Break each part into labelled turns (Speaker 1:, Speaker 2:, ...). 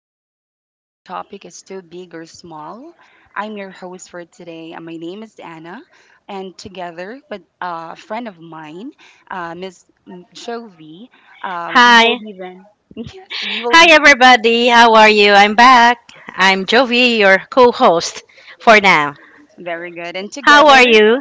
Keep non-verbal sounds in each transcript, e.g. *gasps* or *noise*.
Speaker 1: podcast where no topic is too big or small. I'm your host for today. And My name is Anna, and together with a friend of mine, Ms. Jovi, we will
Speaker 2: Hi.
Speaker 1: be then. *laughs* Yes, we will
Speaker 2: Hi,
Speaker 1: be
Speaker 2: everybody. How are you? I'm back. I'm Jovi, your co host for now.
Speaker 1: very good. And
Speaker 2: How are
Speaker 1: together,
Speaker 2: you?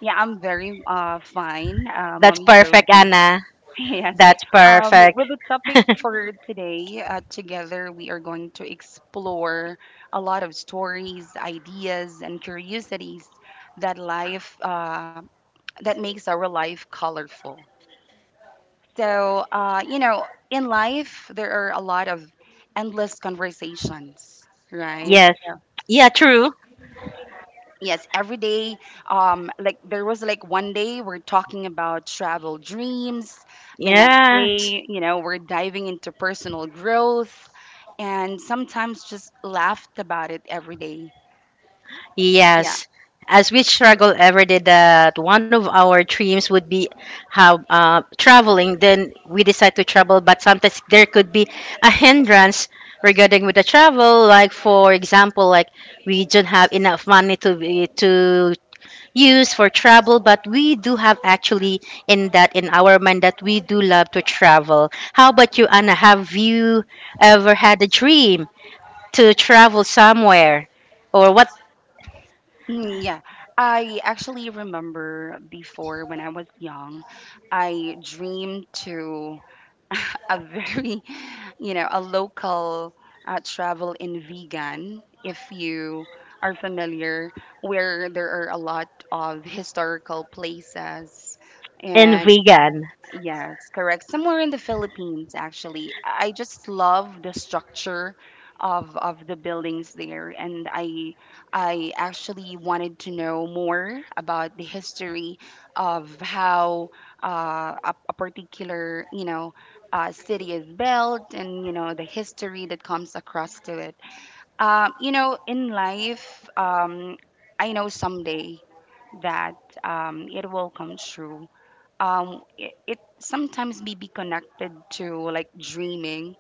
Speaker 1: yeah, I'm very fine,
Speaker 2: That's
Speaker 1: Mommy Jovi.
Speaker 2: perfect,
Speaker 1: *laughs*
Speaker 2: Anna.
Speaker 1: Yes.
Speaker 2: That's
Speaker 1: Um,
Speaker 2: perfect.
Speaker 1: with the topic
Speaker 2: *laughs*
Speaker 1: for today, together we are going to explore a lot of stories, ideas, and curiosities that life uh, that makes our life colorful. So, in life there are a lot of endless conversations, right?
Speaker 2: yes. Yeah, true.
Speaker 1: Yes, every day. Like there was like one day we're talking about travel dreams, the next
Speaker 2: Yeah.
Speaker 1: day you know we're diving into personal growth, and sometimes just laughed about it every day, yeah.
Speaker 2: Yes. As we struggle every day that one of our dreams would be how traveling, then we decide to travel. But sometimes there could be a hindrance regarding with the travel. Like for example, like we don't have enough money to use for travel, but we do have actually in our mind that we do love to travel. How about you, Anna? Have you ever had a dream to travel somewhere, or what
Speaker 1: Yeah, I actually remember before when I was young, I dreamed to *laughs* a very, you know, a local travel in Vegan, if you are familiar, where there are a lot of historical places.
Speaker 2: in
Speaker 1: And
Speaker 2: vegan?
Speaker 1: yes, correct. Somewhere in the Philippines, actually. I just love the structure of the buildings there, and I actually wanted to know more about the history of how a particular city is built, and you know the history that comes across to it. Um, you know, in life, um, I know someday that it will come true. It sometimes may be connected to like dreaming.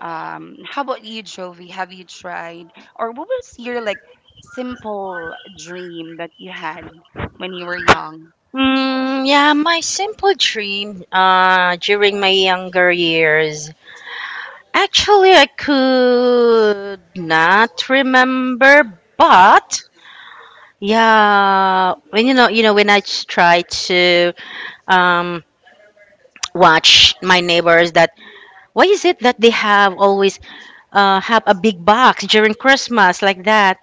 Speaker 1: How about you, Jovi? Have you tried, or what was your like simple dream that you had when you were young?
Speaker 2: Yeah, my simple dream during my younger years. Actually, I could not remember, but yeah, when when try to um, watch my neighbors, that why is it that they have always have a big box during Christmas like that?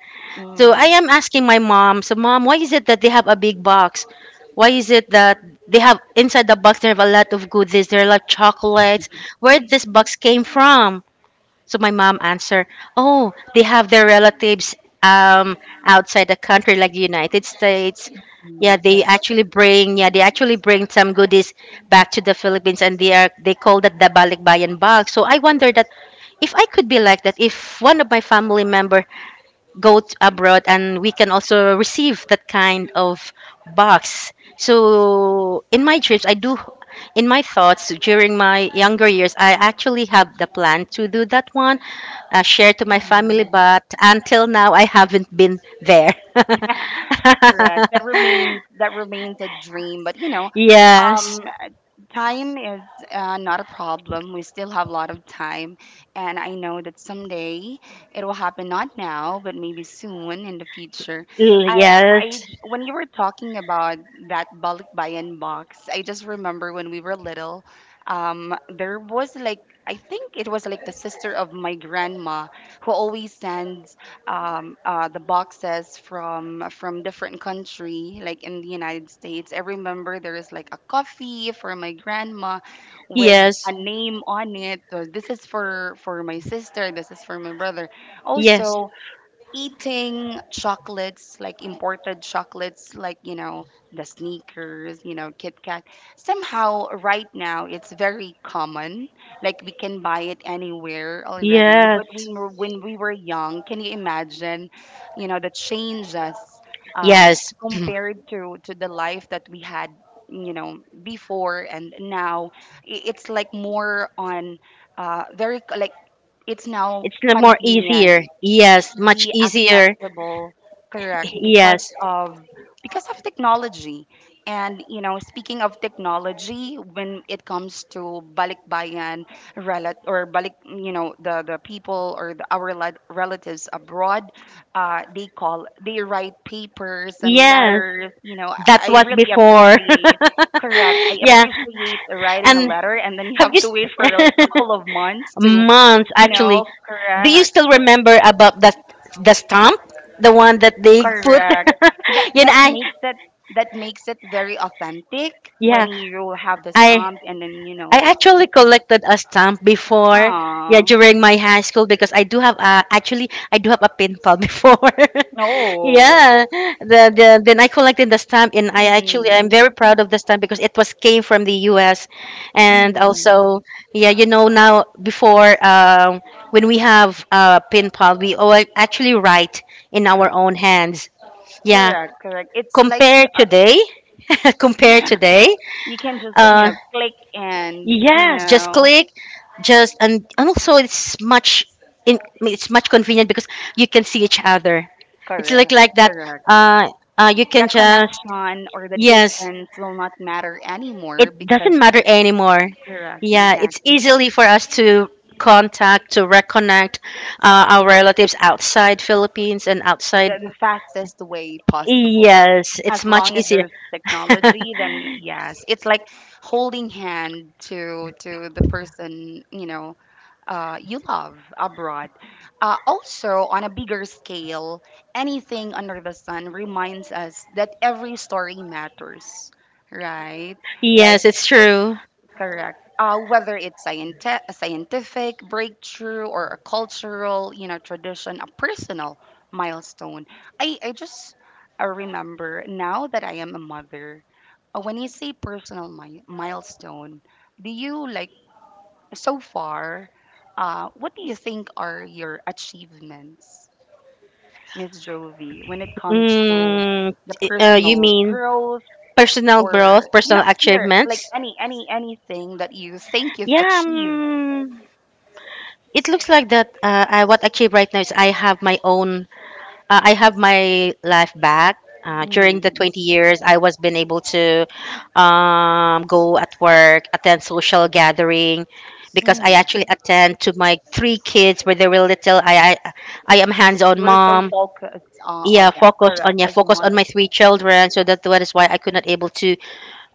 Speaker 2: So
Speaker 1: mm,
Speaker 2: I am asking my mom, so mom, why is it that they have a big box? Why is it that they have inside the box they have a lot of goodies, there are like chocolates. Where this box came from? So my mom answered, oh, they have their relatives um outside the country like the United States.
Speaker 1: mm, cor-
Speaker 2: Yeah, they actually bring some goodies back to the Philippines and they call that the balikbayan box. So I wonder that if I could be like that, if one of my family member abroad and we can also receive that kind of box. So in my trips, I do, in my thoughts during my younger years, I actually have the plan to do that one, share to my family,
Speaker 1: mm,
Speaker 2: but until now, I haven't been there. *laughs*
Speaker 1: Correct, that remains a dream, but you know.
Speaker 2: yes,
Speaker 1: um Time is not a problem. We still have a lot of time. And I know that someday it will happen, not now, but maybe soon in the future. I,
Speaker 2: yes,
Speaker 1: when you were talking about that balikbayan box, I just remember when we were little, um, there was like, I think it was like the sister of my grandma who always sends the boxes from different country, like in the United States. I remember there is like a coffee for my grandma with
Speaker 2: yes,
Speaker 1: a name on it. So this is for my sister. This is for my brother.
Speaker 2: yes,
Speaker 1: Also, eating chocolates like imported chocolates like you know the Sneakers, you know, Kit Kat. Somehow right now it's very common, like we can buy it anywhere already. But
Speaker 2: yes,
Speaker 1: we were, when we were young, can you imagine, you know, the changes uh
Speaker 2: yes.
Speaker 1: compared to the life that we had, you know, before and now? It's like more on very like it's now
Speaker 2: More easier.
Speaker 1: convenient,
Speaker 2: Yes, much
Speaker 1: easily
Speaker 2: easier.
Speaker 1: accessible. Correct, because
Speaker 2: Yes,
Speaker 1: of, because of technology. And you know, speaking of technology, when it comes to balikbayan, relat or balik you know, the people or the, relatives abroad, they call, they write papers and
Speaker 2: yes.
Speaker 1: letters. You know,
Speaker 2: That
Speaker 1: I
Speaker 2: was
Speaker 1: really
Speaker 2: before.
Speaker 1: appreciate, correct, I
Speaker 2: *laughs* yeah.
Speaker 1: appreciate writing a
Speaker 2: And
Speaker 1: letter, and then you
Speaker 2: have
Speaker 1: have
Speaker 2: you
Speaker 1: to wait for like
Speaker 2: s-
Speaker 1: couple of months
Speaker 2: *laughs*
Speaker 1: to,
Speaker 2: months
Speaker 1: you
Speaker 2: actually?
Speaker 1: know,
Speaker 2: Do you
Speaker 1: correct.
Speaker 2: still remember about the stamp, the one that they put? *laughs*
Speaker 1: Correct. That
Speaker 2: you know,
Speaker 1: that
Speaker 2: I
Speaker 1: makes it, that makes it very authentic
Speaker 2: yeah,
Speaker 1: when you have the
Speaker 2: I
Speaker 1: stamp and then you know with the
Speaker 2: actually
Speaker 1: place.
Speaker 2: collected a stamp before, yeah,
Speaker 1: Ah.
Speaker 2: during my high school because I do have a actually I do have a pinball *laughs* before.
Speaker 1: Oh.
Speaker 2: Yeah, the then I collected the stamp and I actually I'm
Speaker 1: Mm.
Speaker 2: very proud of the stamp because it was came from the U.S. and
Speaker 1: Mm.
Speaker 2: also yeah, you know now before when we have a pinball we all actually write in our
Speaker 1: Correct.
Speaker 2: own hands. Yeah,
Speaker 1: Correct. Correct. It's like
Speaker 2: compare today, *laughs*
Speaker 1: uh,
Speaker 2: compare
Speaker 1: *laughs*
Speaker 2: today.
Speaker 1: you can just, you
Speaker 2: uh,
Speaker 1: know, click, and you
Speaker 2: Yes, just
Speaker 1: know,
Speaker 2: click, just and also it's much in it's much convenient because you can see each other. It's
Speaker 1: correct.
Speaker 2: like that.
Speaker 1: Correct.
Speaker 2: Uh, you
Speaker 1: The
Speaker 2: can just
Speaker 1: connection or the
Speaker 2: yes,
Speaker 1: distance will not matter anymore
Speaker 2: it
Speaker 1: because,
Speaker 2: doesn't matter anymore.
Speaker 1: correct.
Speaker 2: Yeah, it's
Speaker 1: Exactly.
Speaker 2: easily for us to contact to reconnect our relatives outside Philippines and outside.
Speaker 1: The fastest way possible.
Speaker 2: Yes,
Speaker 1: As
Speaker 2: it's much
Speaker 1: long as
Speaker 2: easier.
Speaker 1: there's
Speaker 2: *laughs*
Speaker 1: technology, then yes, it's like holding hand to the person, you know, you love abroad. Also, on a bigger scale, anything under the sun reminds us that every story matters, right? Like,
Speaker 2: yes, it's true.
Speaker 1: correct. Whether it's a scientific breakthrough or a cultural, you know, tradition, a personal milestone. I just remember now that I am a mother. When you say personal milestone, do you like, so far? What do you think are your achievements, Miss Jovi, when it comes to
Speaker 2: Mm,
Speaker 1: the
Speaker 2: you
Speaker 1: personal
Speaker 2: mean?
Speaker 1: growth?
Speaker 2: Personal
Speaker 1: Or
Speaker 2: growth,
Speaker 1: you know,
Speaker 2: personal
Speaker 1: either like
Speaker 2: achievements.
Speaker 1: anything that you think you've
Speaker 2: Yeah,
Speaker 1: achieved.
Speaker 2: it looks like that. What I achieve right now is I have my own. I have my life back. During the
Speaker 1: mm,
Speaker 2: 20 years, I was been able to go at work, attend social gathering, because I
Speaker 1: mm.
Speaker 2: actually attend to my three kids when they were little. I am hands-on
Speaker 1: You were so
Speaker 2: mom.
Speaker 1: focused, yeah, correct,
Speaker 2: Yeah,
Speaker 1: as a
Speaker 2: focus on my
Speaker 1: mother.
Speaker 2: three children. So that that is why I could not able to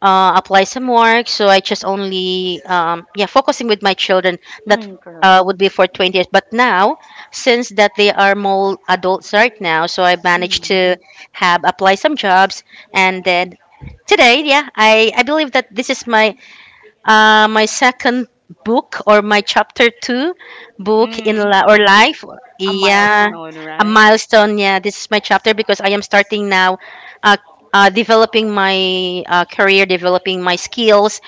Speaker 2: apply some work. So I just only, yeah, focusing with my children. That
Speaker 1: Correct.
Speaker 2: would be for 20 years. But now, since that they are more adults right now, so I managed
Speaker 1: mm,
Speaker 2: to have apply some jobs. And then today, yeah, I believe that this is my my second book or my chapter two book or
Speaker 1: mm.
Speaker 2: life,
Speaker 1: A
Speaker 2: yeah,
Speaker 1: milestone,
Speaker 2: a
Speaker 1: right?
Speaker 2: milestone. Yeah, this is my chapter because I am starting now, uh, developing my career, developing my skills.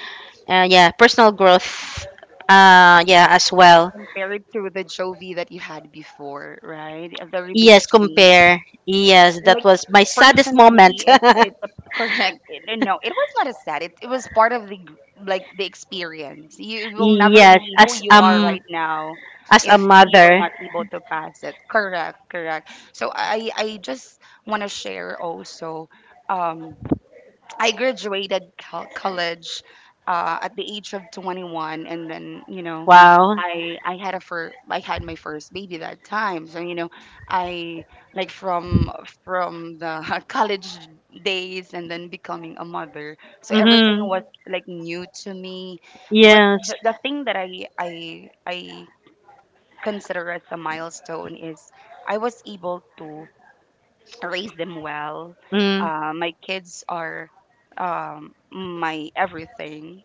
Speaker 2: Yeah, personal growth. Yeah, as well.
Speaker 1: Compared to the Jovi that you had before, right? A very big
Speaker 2: Yes,
Speaker 1: change,
Speaker 2: compare. Yes, that
Speaker 1: like,
Speaker 2: was my saddest moment.
Speaker 1: personally, *laughs* correct. No, no, it was not a sad, it was part of the like the experience. You
Speaker 2: *laughs*
Speaker 1: will never
Speaker 2: yes,
Speaker 1: be who you are right now
Speaker 2: as a
Speaker 1: if you were
Speaker 2: mother.
Speaker 1: not able to pass it. Correct, correct. So I just want to share also, um I graduated college at the age of 21, and then you know,
Speaker 2: Wow.
Speaker 1: I had my first baby that time. So you know, I like from the *laughs* college days and then becoming a mother. So everything
Speaker 2: Mm-hmm.
Speaker 1: was like new to me, but
Speaker 2: Yes.
Speaker 1: the thing that I consider as a milestone is I was able to raise them well.
Speaker 2: Mm.
Speaker 1: My kids are my everything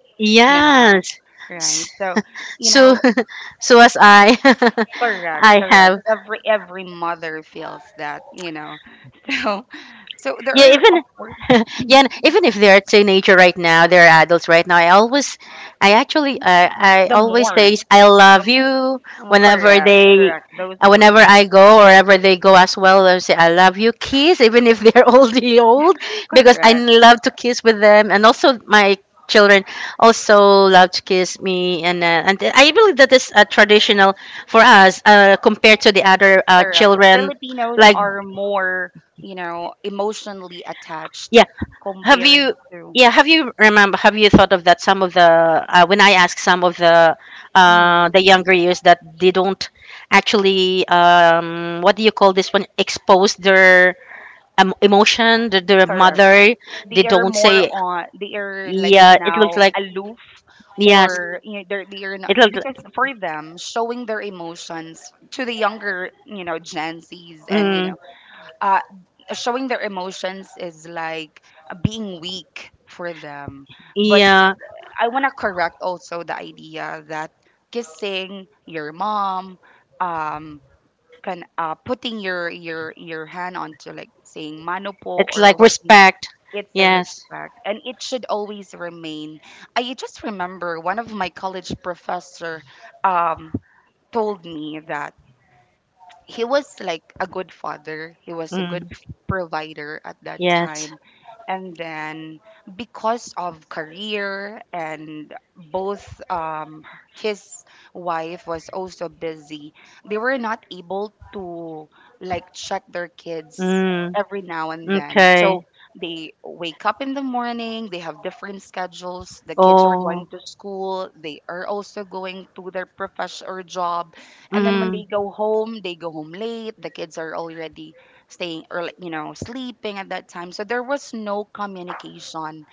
Speaker 1: now,
Speaker 2: Yes.
Speaker 1: right?
Speaker 2: S-
Speaker 1: So, you
Speaker 2: So
Speaker 1: know,
Speaker 2: *laughs* so as I *laughs*
Speaker 1: correct,
Speaker 2: I
Speaker 1: correct.
Speaker 2: have
Speaker 1: Every mother feels that, you know. *laughs* So, so
Speaker 2: yeah
Speaker 1: there are of
Speaker 2: even
Speaker 1: course
Speaker 2: *laughs* yeah and even if they're a teenager right now they're adults right now I always I
Speaker 1: the
Speaker 2: always
Speaker 1: more
Speaker 2: say I love
Speaker 1: the,
Speaker 2: you
Speaker 1: oh,
Speaker 2: whenever
Speaker 1: correct,
Speaker 2: they
Speaker 1: correct. Those
Speaker 2: whenever
Speaker 1: words,
Speaker 2: I go or wherever they go as well I say I love you kiss even if they're *laughs* oldie old because I
Speaker 1: correct,
Speaker 2: love to kiss with them and also my children also love to kiss me and I believe that is traditional for us compared to the other
Speaker 1: correct.
Speaker 2: children
Speaker 1: Filipinos
Speaker 2: like
Speaker 1: are more, you know, emotionally attached
Speaker 2: yeah, Have
Speaker 1: compared
Speaker 2: you,
Speaker 1: to,
Speaker 2: yeah, have you remember, have you thought of that some of when I ask some of
Speaker 1: mm,
Speaker 2: the younger years that they don't actually, what do you call this one, expose their emotion, their
Speaker 1: correct.
Speaker 2: mother, they
Speaker 1: They are
Speaker 2: don't
Speaker 1: more
Speaker 2: say,
Speaker 1: on, they are like
Speaker 2: yeah, it looks
Speaker 1: now
Speaker 2: like,
Speaker 1: aloof,
Speaker 2: yes,
Speaker 1: or you know, they're, they are not,
Speaker 2: it
Speaker 1: because
Speaker 2: looks,
Speaker 1: for them, showing their emotions to the younger, you know, Gen Zs, and you
Speaker 2: mm,
Speaker 1: know uh showing their emotions is like being weak for them. But
Speaker 2: yeah,
Speaker 1: I want to correct also the idea that kissing your mom, um can, putting your your hand onto like saying mano po
Speaker 2: it's
Speaker 1: or
Speaker 2: like
Speaker 1: whatnot,
Speaker 2: respect,
Speaker 1: it's a
Speaker 2: yes,
Speaker 1: respect and it should always remain. I just remember one of my college professor, um told me that he was like a good father. He was a good
Speaker 2: mm,
Speaker 1: provider at that
Speaker 2: yes,
Speaker 1: time. And then, because of career, and both his wife was also busy, they were not able to like check their kids
Speaker 2: mm,
Speaker 1: every now and then. So
Speaker 2: okay,
Speaker 1: they wake up in the morning, they have different schedules. The kids are going
Speaker 2: oh,
Speaker 1: to school, they are also going to their profession or job, and then when
Speaker 2: mm.
Speaker 1: they go home late. The kids are already staying early, you know, sleeping at that time. So there was no communication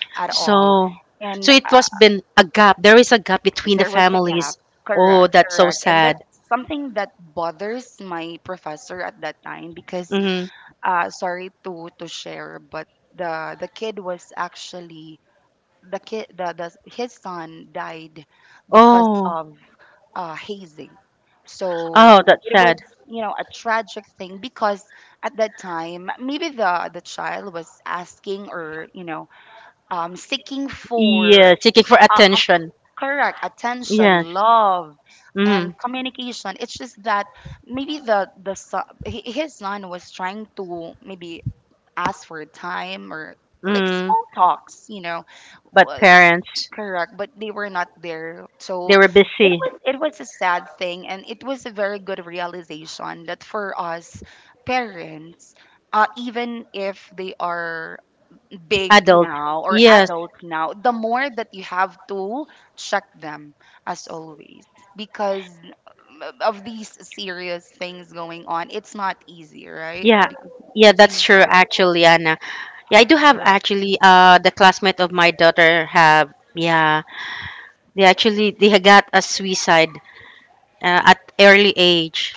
Speaker 1: at all.
Speaker 2: So, so
Speaker 1: And
Speaker 2: it was been a gap. There is a gap between the
Speaker 1: There was a gap.
Speaker 2: families. Oh,
Speaker 1: Correct,
Speaker 2: that's so
Speaker 1: correct. And that's
Speaker 2: sad.
Speaker 1: something that bothers my professor at that time because
Speaker 2: Mm-hmm.
Speaker 1: sorry to share, but the kid was actually the kid the his son died because
Speaker 2: Oh,
Speaker 1: of hazing. So
Speaker 2: oh, that's
Speaker 1: it was,
Speaker 2: sad.
Speaker 1: you know, a tragic thing because at that time, maybe the child was asking, or you know, seeking for
Speaker 2: Yeah, seeking for
Speaker 1: of
Speaker 2: attention.
Speaker 1: correct, attention,
Speaker 2: Yes.
Speaker 1: love, and
Speaker 2: Mm,
Speaker 1: communication. It's just that maybe the son, his son was trying to maybe ask for time, or like
Speaker 2: mm.
Speaker 1: small talks, you know.
Speaker 2: But parents,
Speaker 1: Correct, but they were not there.
Speaker 2: they
Speaker 1: So
Speaker 2: were
Speaker 1: it
Speaker 2: busy.
Speaker 1: was, it was a sad thing, and it was a very good realization that for us parents, even if they are big
Speaker 2: Adult.
Speaker 1: now or
Speaker 2: Yes.
Speaker 1: adults now, the more that you have to check them as always, because of these serious things going on, it's not easy, right?
Speaker 2: Yeah.
Speaker 1: Because
Speaker 2: Yeah,
Speaker 1: the thing
Speaker 2: that's
Speaker 1: is
Speaker 2: true
Speaker 1: going,
Speaker 2: actually, Anna. Yeah, I do have
Speaker 1: correct.
Speaker 2: actually the classmate of my daughter have yeah, they had got a suicide at early age.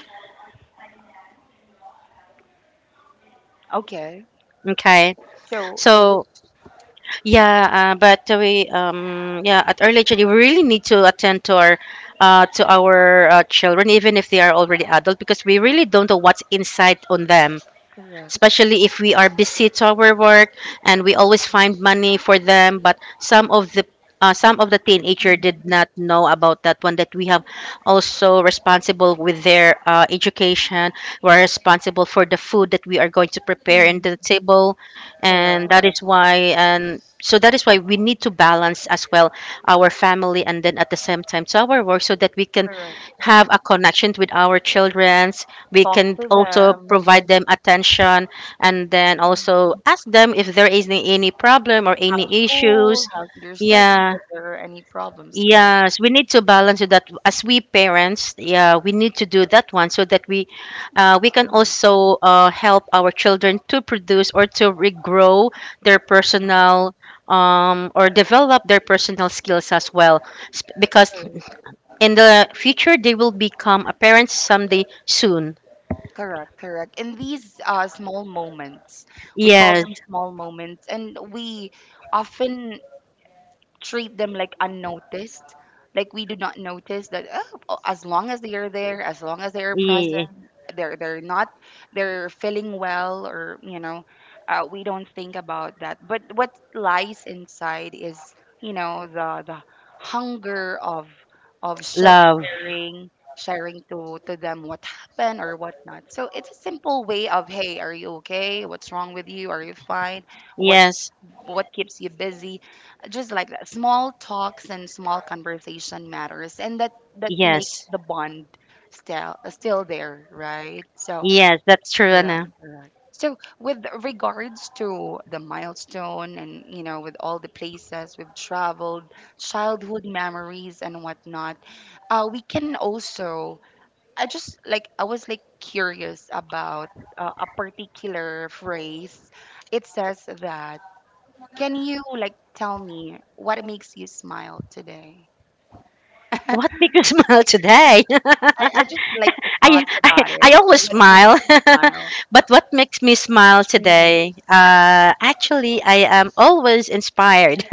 Speaker 1: Okay.
Speaker 2: Okay.
Speaker 1: So
Speaker 2: So yeah, but we yeah at early childhood we really need to attend to our children even if they are already adult because we really don't know what's inside on them
Speaker 1: correct,
Speaker 2: especially if we are busy to our work and we always find money for them. But some of the teenager did not know about that one that we have also responsible with their education we're responsible for the food that we are going to prepare in the table
Speaker 1: correct,
Speaker 2: and so that is why we need to balance as well our family and then at the same time to our work so that we can
Speaker 1: correct.
Speaker 2: have a connection with our children we
Speaker 1: Talk
Speaker 2: can
Speaker 1: to
Speaker 2: also
Speaker 1: them.
Speaker 2: provide them attention and then also ask them if there is any problem or
Speaker 1: How's
Speaker 2: any
Speaker 1: school?
Speaker 2: issues
Speaker 1: How's your study?
Speaker 2: yeah
Speaker 1: If there are any problems, correct?
Speaker 2: yes we need to balance that as we parents yeah we need to do that one so that we can also help our children to produce or to regrow their personal or develop their personal skills as well because
Speaker 1: Correct.
Speaker 2: in the future they will become a parent someday soon
Speaker 1: Correct, correct. And these small moments, we call
Speaker 2: yes
Speaker 1: them small moments, and we often treat them like unnoticed, like we do not notice that, oh, oh, as long as they are there, as long as they are present,
Speaker 2: Ye-
Speaker 1: they're not, they're feeling well, or you know, we don't think about that. But what lies inside is, you know, the hunger of show,
Speaker 2: love.
Speaker 1: sharing, sharing to them what happened or whatnot. So it's a simple way of, hey, are you okay, what's wrong with you, are you fine, what
Speaker 2: Yes,
Speaker 1: what keeps you busy, just like that. Small talks and small conversation matters, and that, that make
Speaker 2: yes,
Speaker 1: the bond still there, right? So
Speaker 2: yes, that's true,
Speaker 1: correct,
Speaker 2: Anna.
Speaker 1: correct. So with regards to the milestone, and you know, with all the places we've traveled, childhood memories, and whatnot, we can also, I just like I was like curious about a particular phrase. It says that, can you like tell me what makes you smile today?
Speaker 2: What made you *laughs* smile today? *laughs*
Speaker 1: I just like the
Speaker 2: I,
Speaker 1: thought
Speaker 2: I,
Speaker 1: about it.
Speaker 2: I always
Speaker 1: What makes
Speaker 2: smile.
Speaker 1: you smile?
Speaker 2: *laughs* but what makes me smile
Speaker 1: Mm.
Speaker 2: today? Actually, I am always inspired.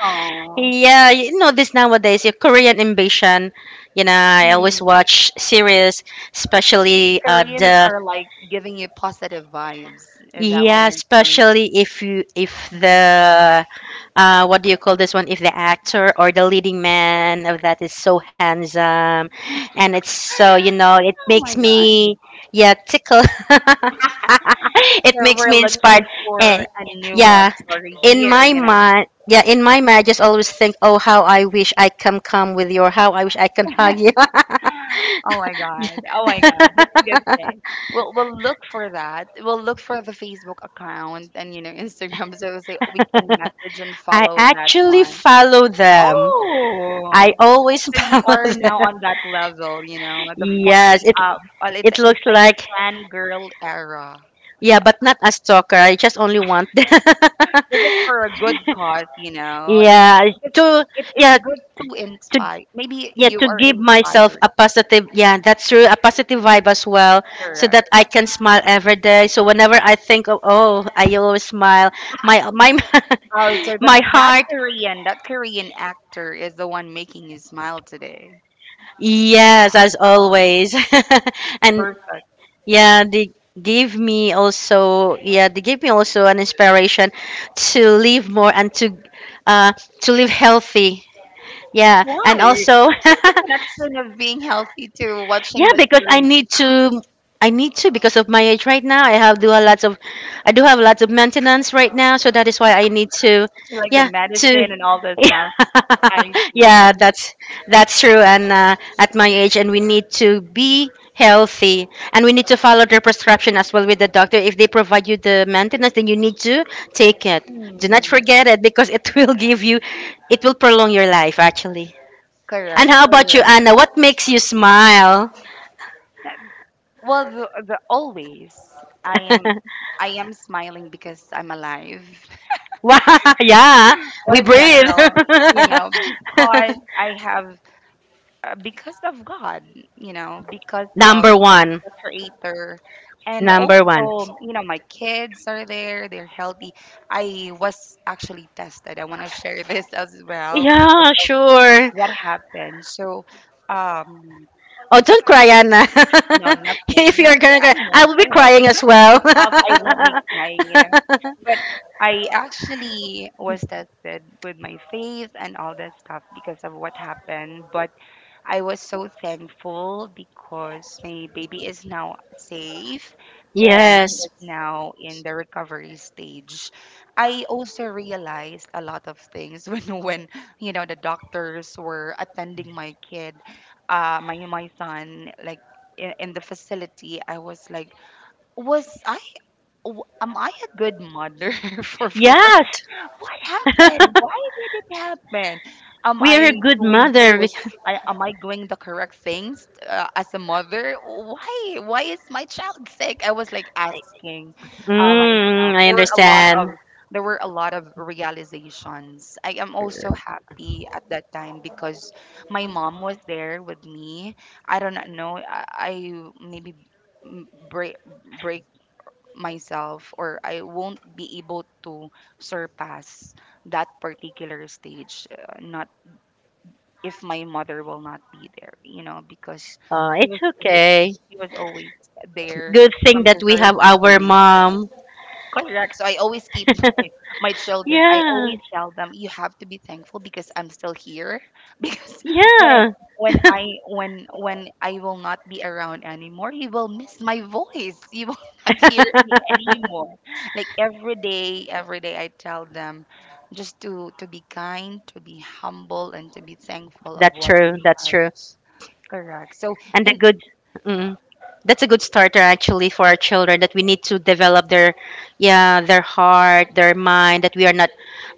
Speaker 2: *laughs* yeah, you know this nowadays, your Korean ambition. You know, I always
Speaker 1: mm.
Speaker 2: watch series, especially
Speaker 1: Koreans
Speaker 2: the
Speaker 1: are like giving you positive vibes, is that what
Speaker 2: yeah,
Speaker 1: you're telling me?
Speaker 2: especially if you if
Speaker 1: Mhm. *gasps*
Speaker 2: the what do you call this one? If the actor or the leading man of that is so handsome and it's so, you
Speaker 1: *laughs*
Speaker 2: know, it
Speaker 1: Oh
Speaker 2: makes
Speaker 1: my God.
Speaker 2: me yeah, tickle. *laughs* It
Speaker 1: So
Speaker 2: makes
Speaker 1: we're
Speaker 2: me
Speaker 1: looking
Speaker 2: inspired. And
Speaker 1: for a new love
Speaker 2: yeah,
Speaker 1: story here, you know?
Speaker 2: yeah, in my mind, I just always think, "Oh, how I wish I can come with you, or how I wish I can hug you."
Speaker 1: Oh my god. Oh my god. It's a good thing.
Speaker 2: *laughs*
Speaker 1: We'll look for that. We'll look for the Facebook account and you know Instagram *laughs* so say we can message and
Speaker 2: I
Speaker 1: follow that
Speaker 2: actually
Speaker 1: one.
Speaker 2: follow them. I
Speaker 1: Oh.
Speaker 2: always *laughs*
Speaker 1: So you
Speaker 2: follow
Speaker 1: are now
Speaker 2: them.
Speaker 1: on that level, you know, the fun
Speaker 2: Yes,
Speaker 1: uh well it's
Speaker 2: it looks
Speaker 1: it's like a
Speaker 2: like
Speaker 1: fan girl era.
Speaker 2: yeah, but not a stalker. I just only want *laughs* them.
Speaker 1: This is for a good cause, you know.
Speaker 2: yeah
Speaker 1: Because
Speaker 2: to
Speaker 1: it's
Speaker 2: yeah
Speaker 1: good to
Speaker 2: to
Speaker 1: inspire. Maybe
Speaker 2: yeah
Speaker 1: you
Speaker 2: to
Speaker 1: are
Speaker 2: give myself
Speaker 1: inspired,
Speaker 2: a positive yeah that's true a positive vibe as well so
Speaker 1: correct?
Speaker 2: that I can smile every day. So whenever I think of oh I always smile my
Speaker 1: Oh, so
Speaker 2: *laughs*
Speaker 1: the,
Speaker 2: my
Speaker 1: that
Speaker 2: heart
Speaker 1: Korean, that Korean actor is the one making you smile today.
Speaker 2: yes as
Speaker 1: Oh,
Speaker 2: always *laughs* and
Speaker 1: perfect.
Speaker 2: Yeah, they yeah, they gave me also an inspiration to live more and uh to live healthy. Yeah,
Speaker 1: Why?
Speaker 2: and also
Speaker 1: What's the
Speaker 2: *laughs*
Speaker 1: connection of being healthy to watching
Speaker 2: yeah,
Speaker 1: the
Speaker 2: because I
Speaker 1: Korean?
Speaker 2: need to. I need to because of my age right now. I do have lots of maintenance right now, so that is why I need to,
Speaker 1: Like the
Speaker 2: yeah, to,
Speaker 1: medicine and all that stuff. I
Speaker 2: *laughs* yeah,
Speaker 1: see.
Speaker 2: that's true. And at my age, and we need to be healthy, and we need to follow their prescription as well with the doctor. If they provide you the maintenance, then you need to take it. Do not
Speaker 1: Hmm.
Speaker 2: forget it because it *laughs* will give you, it will prolong your life actually. And
Speaker 1: Correct,
Speaker 2: how about you,
Speaker 1: correct.
Speaker 2: Anna? What makes you smile?
Speaker 1: That- Well, the always I am
Speaker 2: *laughs*
Speaker 1: I am smiling because I'm alive.
Speaker 2: Wow, *laughs* yeah,
Speaker 1: *laughs* What
Speaker 2: we
Speaker 1: a
Speaker 2: breathe.
Speaker 1: general, you know, because
Speaker 2: *laughs*
Speaker 1: I have because of God, you know, because of
Speaker 2: Number one.
Speaker 1: the creator. And also,
Speaker 2: Number one.
Speaker 1: you know, my kids are there, they're healthy. I was actually tested. I want to share *laughs* this as well because
Speaker 2: Yeah,
Speaker 1: of
Speaker 2: sure.
Speaker 1: what happened. So, um,
Speaker 2: Oh, don't cry, Anna.
Speaker 1: no,
Speaker 2: *laughs* if
Speaker 1: nothing,
Speaker 2: you're
Speaker 1: nothing.
Speaker 2: gonna
Speaker 1: I
Speaker 2: cry, I
Speaker 1: won't,
Speaker 2: will
Speaker 1: I
Speaker 2: be
Speaker 1: won't. I
Speaker 2: crying as
Speaker 1: promise
Speaker 2: well.
Speaker 1: myself I won't be crying, you know. But I actually was tested with my faith and all that stuff because of what happened. But I was so thankful because my baby is now safe
Speaker 2: *laughs*
Speaker 1: and he
Speaker 2: yes.
Speaker 1: is now in the recovery stage. I also realized a lot of things *laughs* when you know the doctors were attending my kid, my son like in the facility. I was like, was I am I a good mother *laughs* for
Speaker 2: Yes.
Speaker 1: what happened?
Speaker 2: *laughs*
Speaker 1: Why did it happen? Am
Speaker 2: we
Speaker 1: I
Speaker 2: are a good
Speaker 1: doing the
Speaker 2: mother.
Speaker 1: good?
Speaker 2: *laughs*
Speaker 1: Am I doing the correct things as a mother? Why? Why is my child sick? I was like asking
Speaker 2: Mm,
Speaker 1: myself.
Speaker 2: I
Speaker 1: There were a lot of
Speaker 2: understand.
Speaker 1: there were a lot of realizations. I am also happy at that time because my mom was there with me. I do not know. I maybe break break myself or I won't be able to surpass that particular stage, not if my mother will not be there, you know, because
Speaker 2: Oh,
Speaker 1: he
Speaker 2: it's
Speaker 1: was his
Speaker 2: okay.
Speaker 1: he was always there
Speaker 2: Good thing
Speaker 1: from
Speaker 2: that
Speaker 1: the
Speaker 2: we
Speaker 1: very
Speaker 2: have our
Speaker 1: beginning.
Speaker 2: mom.
Speaker 1: Correct. So I always keep *laughs* my, my
Speaker 2: *laughs*
Speaker 1: children. I
Speaker 2: yeah.
Speaker 1: always tell them you have to be thankful because I'm still here. *laughs* Because when I
Speaker 2: Yeah.
Speaker 1: when I will not be around anymore, you will miss my voice. You will *laughs* not hear me
Speaker 2: *laughs*
Speaker 1: anymore. Like every day I tell them just to be kind, to be humble, and to be thankful of
Speaker 2: That's
Speaker 1: what you
Speaker 2: true. That's
Speaker 1: have.
Speaker 2: true.
Speaker 1: Correct. So
Speaker 2: And a
Speaker 1: in
Speaker 2: good, mm, that's a good starter actually for our children, that we need to develop their, yeah, their heart, their mind. That we are not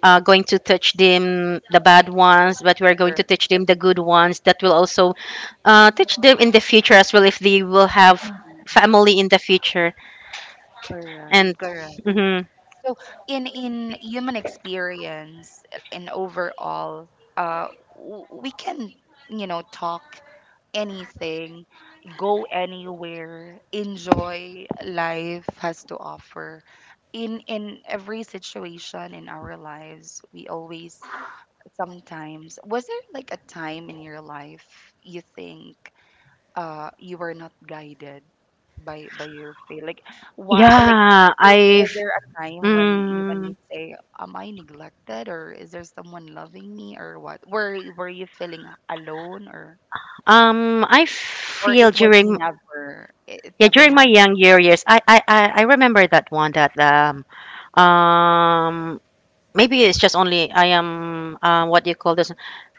Speaker 2: going to teach them the bad ones, but we are going to
Speaker 1: correct,
Speaker 2: teach them the good ones. That will also teach them in the future as well if they will have
Speaker 1: Mhm.
Speaker 2: family in the future.
Speaker 1: Correct,
Speaker 2: And
Speaker 1: correct.
Speaker 2: mhm.
Speaker 1: So in human experience and overall, uh, we can, you know, talk anything, go anywhere, enjoy life has to offer. In every situation in our lives, we always sometimes was there like a time in your life you think you were not guided by your faith, like what, like
Speaker 2: yeah,
Speaker 1: there was,
Speaker 2: I've.
Speaker 1: there a time when even you
Speaker 2: Mm,
Speaker 1: say am I neglected or is there someone loving me or what were you feeling alone
Speaker 2: I
Speaker 1: or it
Speaker 2: feel
Speaker 1: was
Speaker 2: during.
Speaker 1: never it
Speaker 2: Yeah,
Speaker 1: never
Speaker 2: during my
Speaker 1: happened.
Speaker 2: young years, I remember that one that um maybe it's just only I am what do you call this?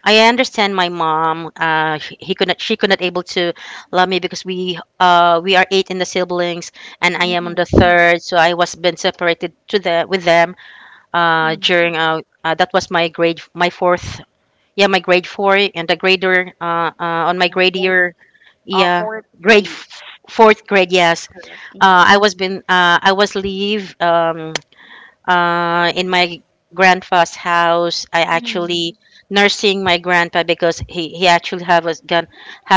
Speaker 2: I understand my mom. She, he could not. She could not able to love me because we are eight in the siblings, and I am on the
Speaker 1: Mm-hmm.
Speaker 2: third. So I was been separated to the with them. During that was my grade my fourth. Yeah, my grade four and the grader. On my grade
Speaker 1: Fourth,
Speaker 2: year. Yeah,
Speaker 1: fourth
Speaker 2: grade
Speaker 1: grade,
Speaker 2: f- fourth grade. Yes.
Speaker 1: correct. Mm-hmm.
Speaker 2: I was been I was leave in my grandpa's house. I actually nursing my grandpa because he actually have a gun,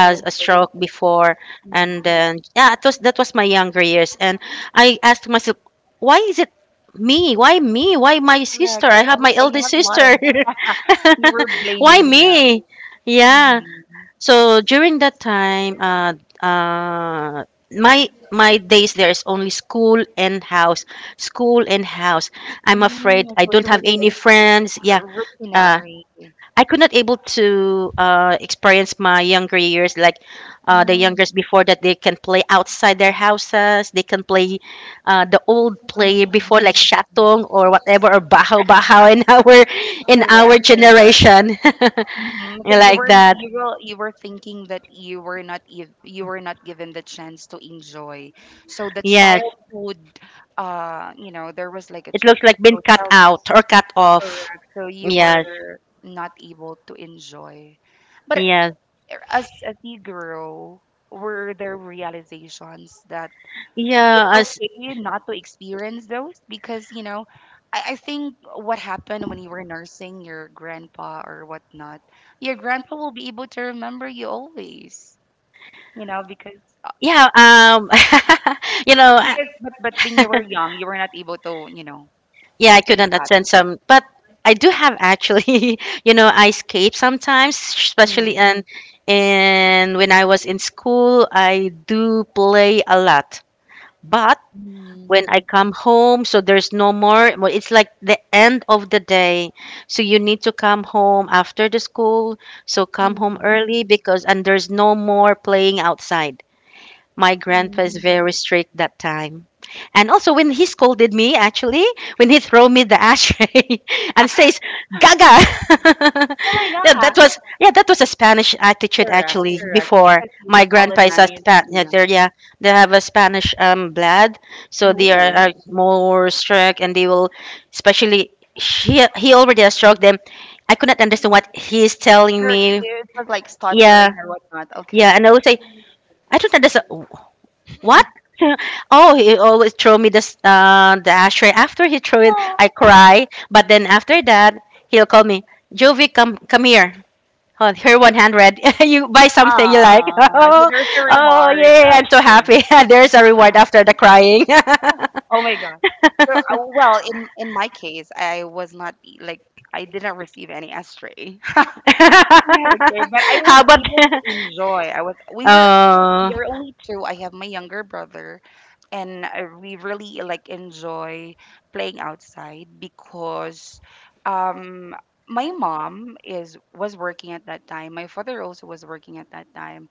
Speaker 1: He was
Speaker 2: a
Speaker 1: sick at
Speaker 2: stroke
Speaker 1: that.
Speaker 2: before. And
Speaker 1: Mm,
Speaker 2: then
Speaker 1: okay.
Speaker 2: yeah, it was, that was my younger years, and I asked myself, why is it me? Why me? Why my sister?
Speaker 1: Correct, i
Speaker 2: I
Speaker 1: have
Speaker 2: have my
Speaker 1: i
Speaker 2: eldest
Speaker 1: have a lot of.
Speaker 2: sister. *laughs*
Speaker 1: *laughs* You were
Speaker 2: Why
Speaker 1: blaming them.
Speaker 2: me? Yeah.
Speaker 1: Mm-hmm.
Speaker 2: So during that time, uh, my my days there is only school and house, school and house. I'm
Speaker 1: Mm,
Speaker 2: afraid I
Speaker 1: so it
Speaker 2: don't have
Speaker 1: was
Speaker 2: any
Speaker 1: like
Speaker 2: friends. Yeah, uh,
Speaker 1: routinary.
Speaker 2: I could not able to experience my younger years, like the youngest
Speaker 1: Mm,
Speaker 2: before, that they can play outside their houses. They can play the old play before,
Speaker 1: mm.
Speaker 2: like shatong or whatever, or bahaw bahaw in *laughs* our in our
Speaker 1: Correct, correct.
Speaker 2: generation.
Speaker 1: Hmm. So
Speaker 2: *laughs*
Speaker 1: you
Speaker 2: Like
Speaker 1: were,
Speaker 2: that.
Speaker 1: you were thinking that you were not ev- you were not given the chance to enjoy. So the
Speaker 2: Yes.
Speaker 1: childhood, you know, there was like a
Speaker 2: It
Speaker 1: ch-
Speaker 2: looks like been
Speaker 1: so
Speaker 2: cut
Speaker 1: child
Speaker 2: out or cut off.
Speaker 1: correct. So you
Speaker 2: Yes,
Speaker 1: were not able to enjoy. But
Speaker 2: yes,
Speaker 1: as you grow, were there realizations that
Speaker 2: yeah.
Speaker 1: it's
Speaker 2: As
Speaker 1: okay not to experience those because you know I think what happened when you were nursing your grandpa or whatnot, your grandpa will be able to remember you always, you know,
Speaker 2: yeah, *laughs* you know, I,
Speaker 1: because but when you were young you were not able to, you know,
Speaker 2: yeah, I
Speaker 1: think
Speaker 2: couldn't
Speaker 1: about it.
Speaker 2: attend some. But I do have actually, *laughs* you know, I skate sometimes, especially.
Speaker 1: Mm.
Speaker 2: And when I was in school, I do play a lot, but when
Speaker 1: Mm.
Speaker 2: I come home, so there's no more. Well, it's like the end of the day. So you need to come home after the school. So come home
Speaker 1: Mm.
Speaker 2: early because, and there's no more playing outside. My grandpa is
Speaker 1: Mm.
Speaker 2: very strict that time. And also when he scolded me, actually, when he threw me the ashtray *laughs* and says, Gaga. *laughs*
Speaker 1: Oh my
Speaker 2: Yeah, that
Speaker 1: god.
Speaker 2: was, yeah, that was a Spanish attitude
Speaker 1: Correct,
Speaker 2: actually
Speaker 1: correct,
Speaker 2: before.
Speaker 1: because you
Speaker 2: My
Speaker 1: were
Speaker 2: grandpa is a
Speaker 1: colonized,
Speaker 2: Span,
Speaker 1: you
Speaker 2: yeah,
Speaker 1: know.
Speaker 2: they're, yeah, they have a Spanish blood, so they are more strict and they will, especially he already has struck them. I could not understand what he's telling
Speaker 1: Correct,
Speaker 2: me.
Speaker 1: it was like
Speaker 2: Yeah,
Speaker 1: stuttering or whatnot.
Speaker 2: yeah, and I would say, I don't understand. What? *laughs* Oh, he always throw me the the ashtray. After he threw it,
Speaker 1: Okay.
Speaker 2: I cry. But then after that, he'll call me, Jovi, come come here. Oh, here 100. *laughs* You buy something you like. *laughs*
Speaker 1: Ah, so
Speaker 2: Oh,
Speaker 1: there's a
Speaker 2: oh,
Speaker 1: reward
Speaker 2: yeah! I'm so
Speaker 1: after.
Speaker 2: happy. *laughs* There's a reward after the crying. *laughs*
Speaker 1: Oh my god. So, well, in my case, I was not e like, I didn't receive any estray. *laughs* Yeah, okay, but I was
Speaker 2: How about?
Speaker 1: able to
Speaker 2: *laughs*
Speaker 1: enjoy. I was, we were, we
Speaker 2: Oh,
Speaker 1: are only two. I have my younger brother, and I, we really, like, enjoy playing outside because, um, my mom is, was working at that time. My father also was working at that time,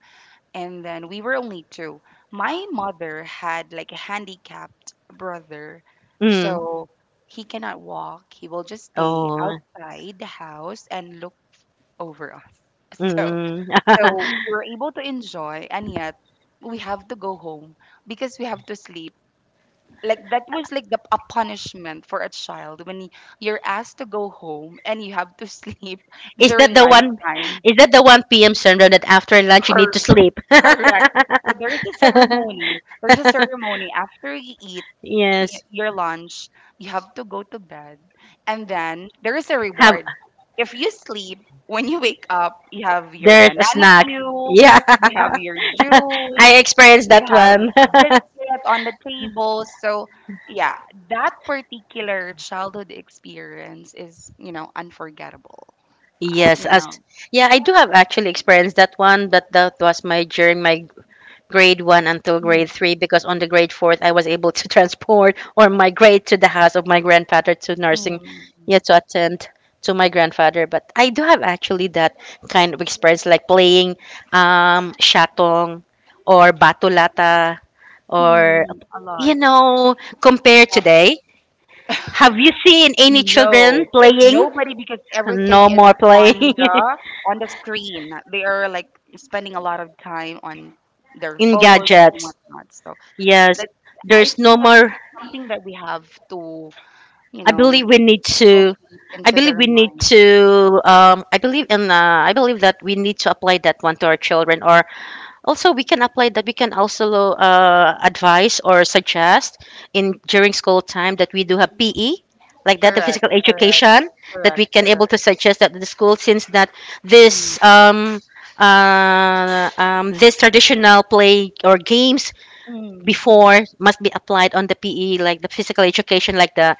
Speaker 1: and then we were only two. My mother had like a handicapped brother,
Speaker 2: mm,
Speaker 1: so he cannot walk. He will just stay
Speaker 2: oh,
Speaker 1: outside the house and look over us. *laughs* So,
Speaker 2: mm.
Speaker 1: so
Speaker 2: *laughs*
Speaker 1: we were able to enjoy, and yet we have to go home because we have to sleep. Like that was like the, a punishment for a child when you're asked to go home and you have to sleep *laughs*
Speaker 2: Is that
Speaker 1: during
Speaker 2: the one?
Speaker 1: lunchtime.
Speaker 2: Is that the one p.m. syndrome that after lunch you need to sleep? *laughs*
Speaker 1: Correct. So there's a ceremony. There's a ceremony after you eat
Speaker 2: Yes.
Speaker 1: your lunch, you have to go to bed, and then there is a
Speaker 2: Have
Speaker 1: reward. If you sleep, when you wake up, you have your
Speaker 2: there's a
Speaker 1: banana
Speaker 2: snack.
Speaker 1: queue,
Speaker 2: Yeah. *laughs*
Speaker 1: you have your juice,
Speaker 2: I experienced
Speaker 1: you
Speaker 2: that
Speaker 1: have
Speaker 2: one.
Speaker 1: a biscuit on the table. So, yeah, that particular childhood experience is, you know, unforgettable.
Speaker 2: *laughs* Yes,
Speaker 1: You
Speaker 2: as
Speaker 1: know,
Speaker 2: yeah, I do have actually experienced that one, but that was my during my grade 1 until grade
Speaker 1: mm,
Speaker 2: 3, because on the grade 4th I was able to *laughs* transport or migrate to the house of my grandfather to nursing.
Speaker 1: mm,
Speaker 2: Yeah, to attend to my grandfather. But I do have actually that kind of experience, like playing shatong or batulata or,
Speaker 1: mm, a
Speaker 2: you
Speaker 1: lot.
Speaker 2: know, compare today, have you seen any children
Speaker 1: No,
Speaker 2: playing?
Speaker 1: nobody because everything
Speaker 2: No
Speaker 1: is
Speaker 2: more
Speaker 1: on
Speaker 2: playing. *laughs*
Speaker 1: the on the screen. They are like spending a lot of time on their
Speaker 2: In
Speaker 1: phones and
Speaker 2: gadgets.
Speaker 1: whatnot. So
Speaker 2: Yes.
Speaker 1: that I
Speaker 2: There's
Speaker 1: think
Speaker 2: no
Speaker 1: that's
Speaker 2: more.
Speaker 1: something that we have to, you
Speaker 2: I
Speaker 1: know,
Speaker 2: believe we need to.
Speaker 1: inculcate
Speaker 2: I
Speaker 1: into
Speaker 2: believe
Speaker 1: their
Speaker 2: we need
Speaker 1: mind.
Speaker 2: to. I believe in. I believe that we need to apply that one to our children, or also we can apply that. We can also advise or suggest in during school time that we do have PE, like that the
Speaker 1: Correct,
Speaker 2: physical
Speaker 1: correct,
Speaker 2: education, that we
Speaker 1: correct,
Speaker 2: can able
Speaker 1: correct.
Speaker 2: to suggest that the school, since that
Speaker 1: Mm,
Speaker 2: this this traditional play or games
Speaker 1: mm.
Speaker 2: before must be applied on the PE, like the physical education, like the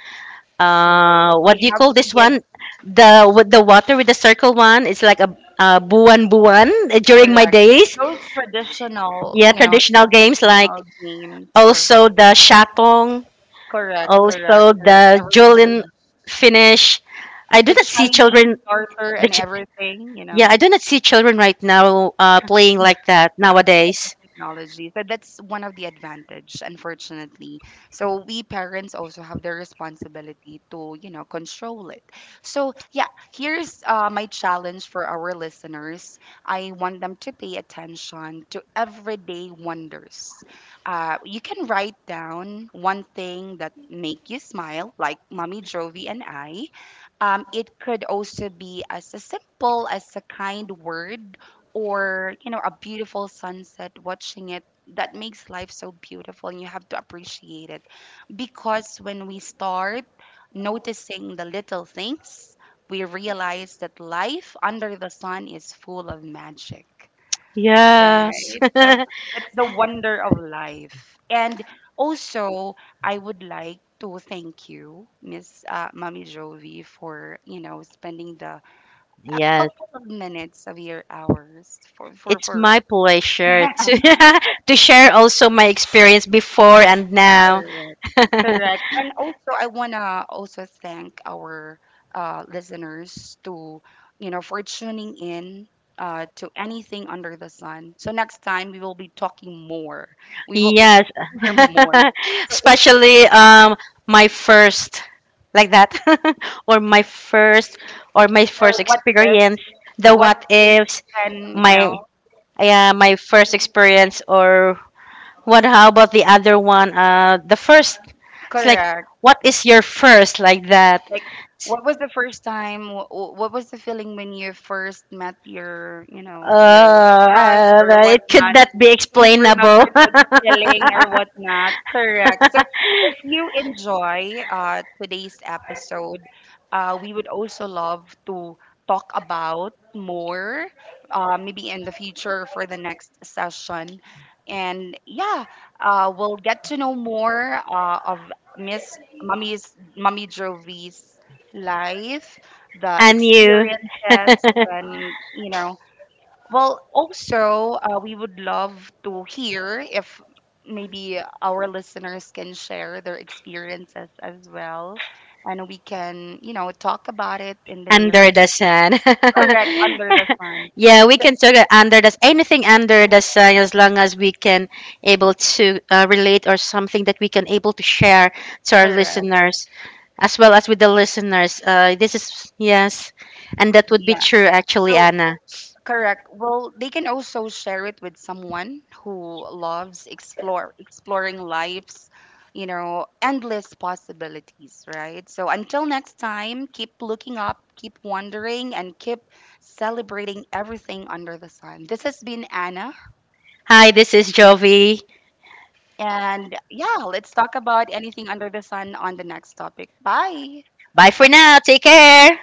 Speaker 1: So they
Speaker 2: what do you
Speaker 1: have
Speaker 2: call
Speaker 1: to
Speaker 2: this
Speaker 1: give
Speaker 2: one, the with the water with the circle one, it's like a buwan buwan eh, during my
Speaker 1: correct
Speaker 2: days.
Speaker 1: those traditional,
Speaker 2: Yeah,
Speaker 1: you know,
Speaker 2: traditional games like
Speaker 1: traditional games or
Speaker 2: also the shatong,
Speaker 1: correct, correct,
Speaker 2: also
Speaker 1: correct.
Speaker 2: the
Speaker 1: I remember
Speaker 2: julin finish. I do
Speaker 1: the
Speaker 2: not see
Speaker 1: Chinese
Speaker 2: children.
Speaker 1: daughter
Speaker 2: the
Speaker 1: and
Speaker 2: ch-
Speaker 1: everything, you
Speaker 2: yeah,
Speaker 1: know.
Speaker 2: I do not see children right now playing like that
Speaker 1: Yeah, because of
Speaker 2: nowadays.
Speaker 1: technology. So that's one of the advantage, unfortunately. So we parents also have the responsibility to, you know, control it. So yeah, here's my challenge for our listeners. I want them to pay attention to everyday wonders. You can write down one thing that make you smile, like Mommy Jovi and I. It could also be as a simple as a kind word or you know a beautiful sunset watching it that makes life so beautiful and you have to appreciate it because when we start noticing the little things we realize that life under the sun is full of magic,
Speaker 2: Yes.
Speaker 1: right? So
Speaker 2: *laughs*
Speaker 1: that's the wonder of life, and also I would like to thank you Miss Mommy Jovi for you know spending the a
Speaker 2: Yes,
Speaker 1: couple of minutes of your hours for for
Speaker 2: it's
Speaker 1: for
Speaker 2: my
Speaker 1: *laughs*
Speaker 2: pleasure to *laughs* to share also my experience before and now.
Speaker 1: correct.
Speaker 2: *laughs*
Speaker 1: Correct. And also, I want to also thank our listeners to, you know, for tuning in, to anything under the sun. So next time we will be talking more. We will
Speaker 2: Yes.
Speaker 1: explore *laughs* more.
Speaker 2: *laughs*
Speaker 1: So if
Speaker 2: Especially my first, like that, *laughs* or my first, or my
Speaker 1: or
Speaker 2: first experience, the
Speaker 1: what
Speaker 2: what
Speaker 1: if,
Speaker 2: ifs,
Speaker 1: and you
Speaker 2: my,
Speaker 1: know,
Speaker 2: yeah, my first experience, or what, how about the other one, the first, it's like,
Speaker 1: correct.
Speaker 2: what is your first, like that.
Speaker 1: Like, what was the first time? What was the feeling when you first met your, you know, your crush or
Speaker 2: It could
Speaker 1: whatnot?
Speaker 2: not be
Speaker 1: Can you remember
Speaker 2: explainable.
Speaker 1: the filling or whatnot? Correct. So
Speaker 2: *laughs*
Speaker 1: if you enjoy today's episode, we would also love to talk about more, maybe in the future for the next session. And yeah, we'll get to know more of Miss Mummy Jovie's life, the
Speaker 2: And you.
Speaker 1: experiences,
Speaker 2: *laughs*
Speaker 1: and you know well, also, we would love to hear if maybe our listeners can share their experiences as well, and we can, you know, talk about it in the near.
Speaker 2: Under the sun.
Speaker 1: Correct, under the
Speaker 2: *laughs*
Speaker 1: sun.
Speaker 2: Yeah, we
Speaker 1: So-
Speaker 2: can talk under the anything under the sun, as long as we can able to relate or something that we can able to share to our
Speaker 1: Correct.
Speaker 2: listeners, as well as with the listeners. This is, yes, and that would be
Speaker 1: Yeah.
Speaker 2: true actually,
Speaker 1: So
Speaker 2: Anna.
Speaker 1: correct. Well, they can also share it with someone who loves explore exploring life's, you know, endless possibilities, right? So until next time, keep looking up, keep wondering, and keep celebrating everything under the sun. This has been Anna,
Speaker 2: Hi, this is Jovi.
Speaker 1: and yeah, let's talk about anything under the sun on the next topic. Bye.
Speaker 2: Bye for now. Take care.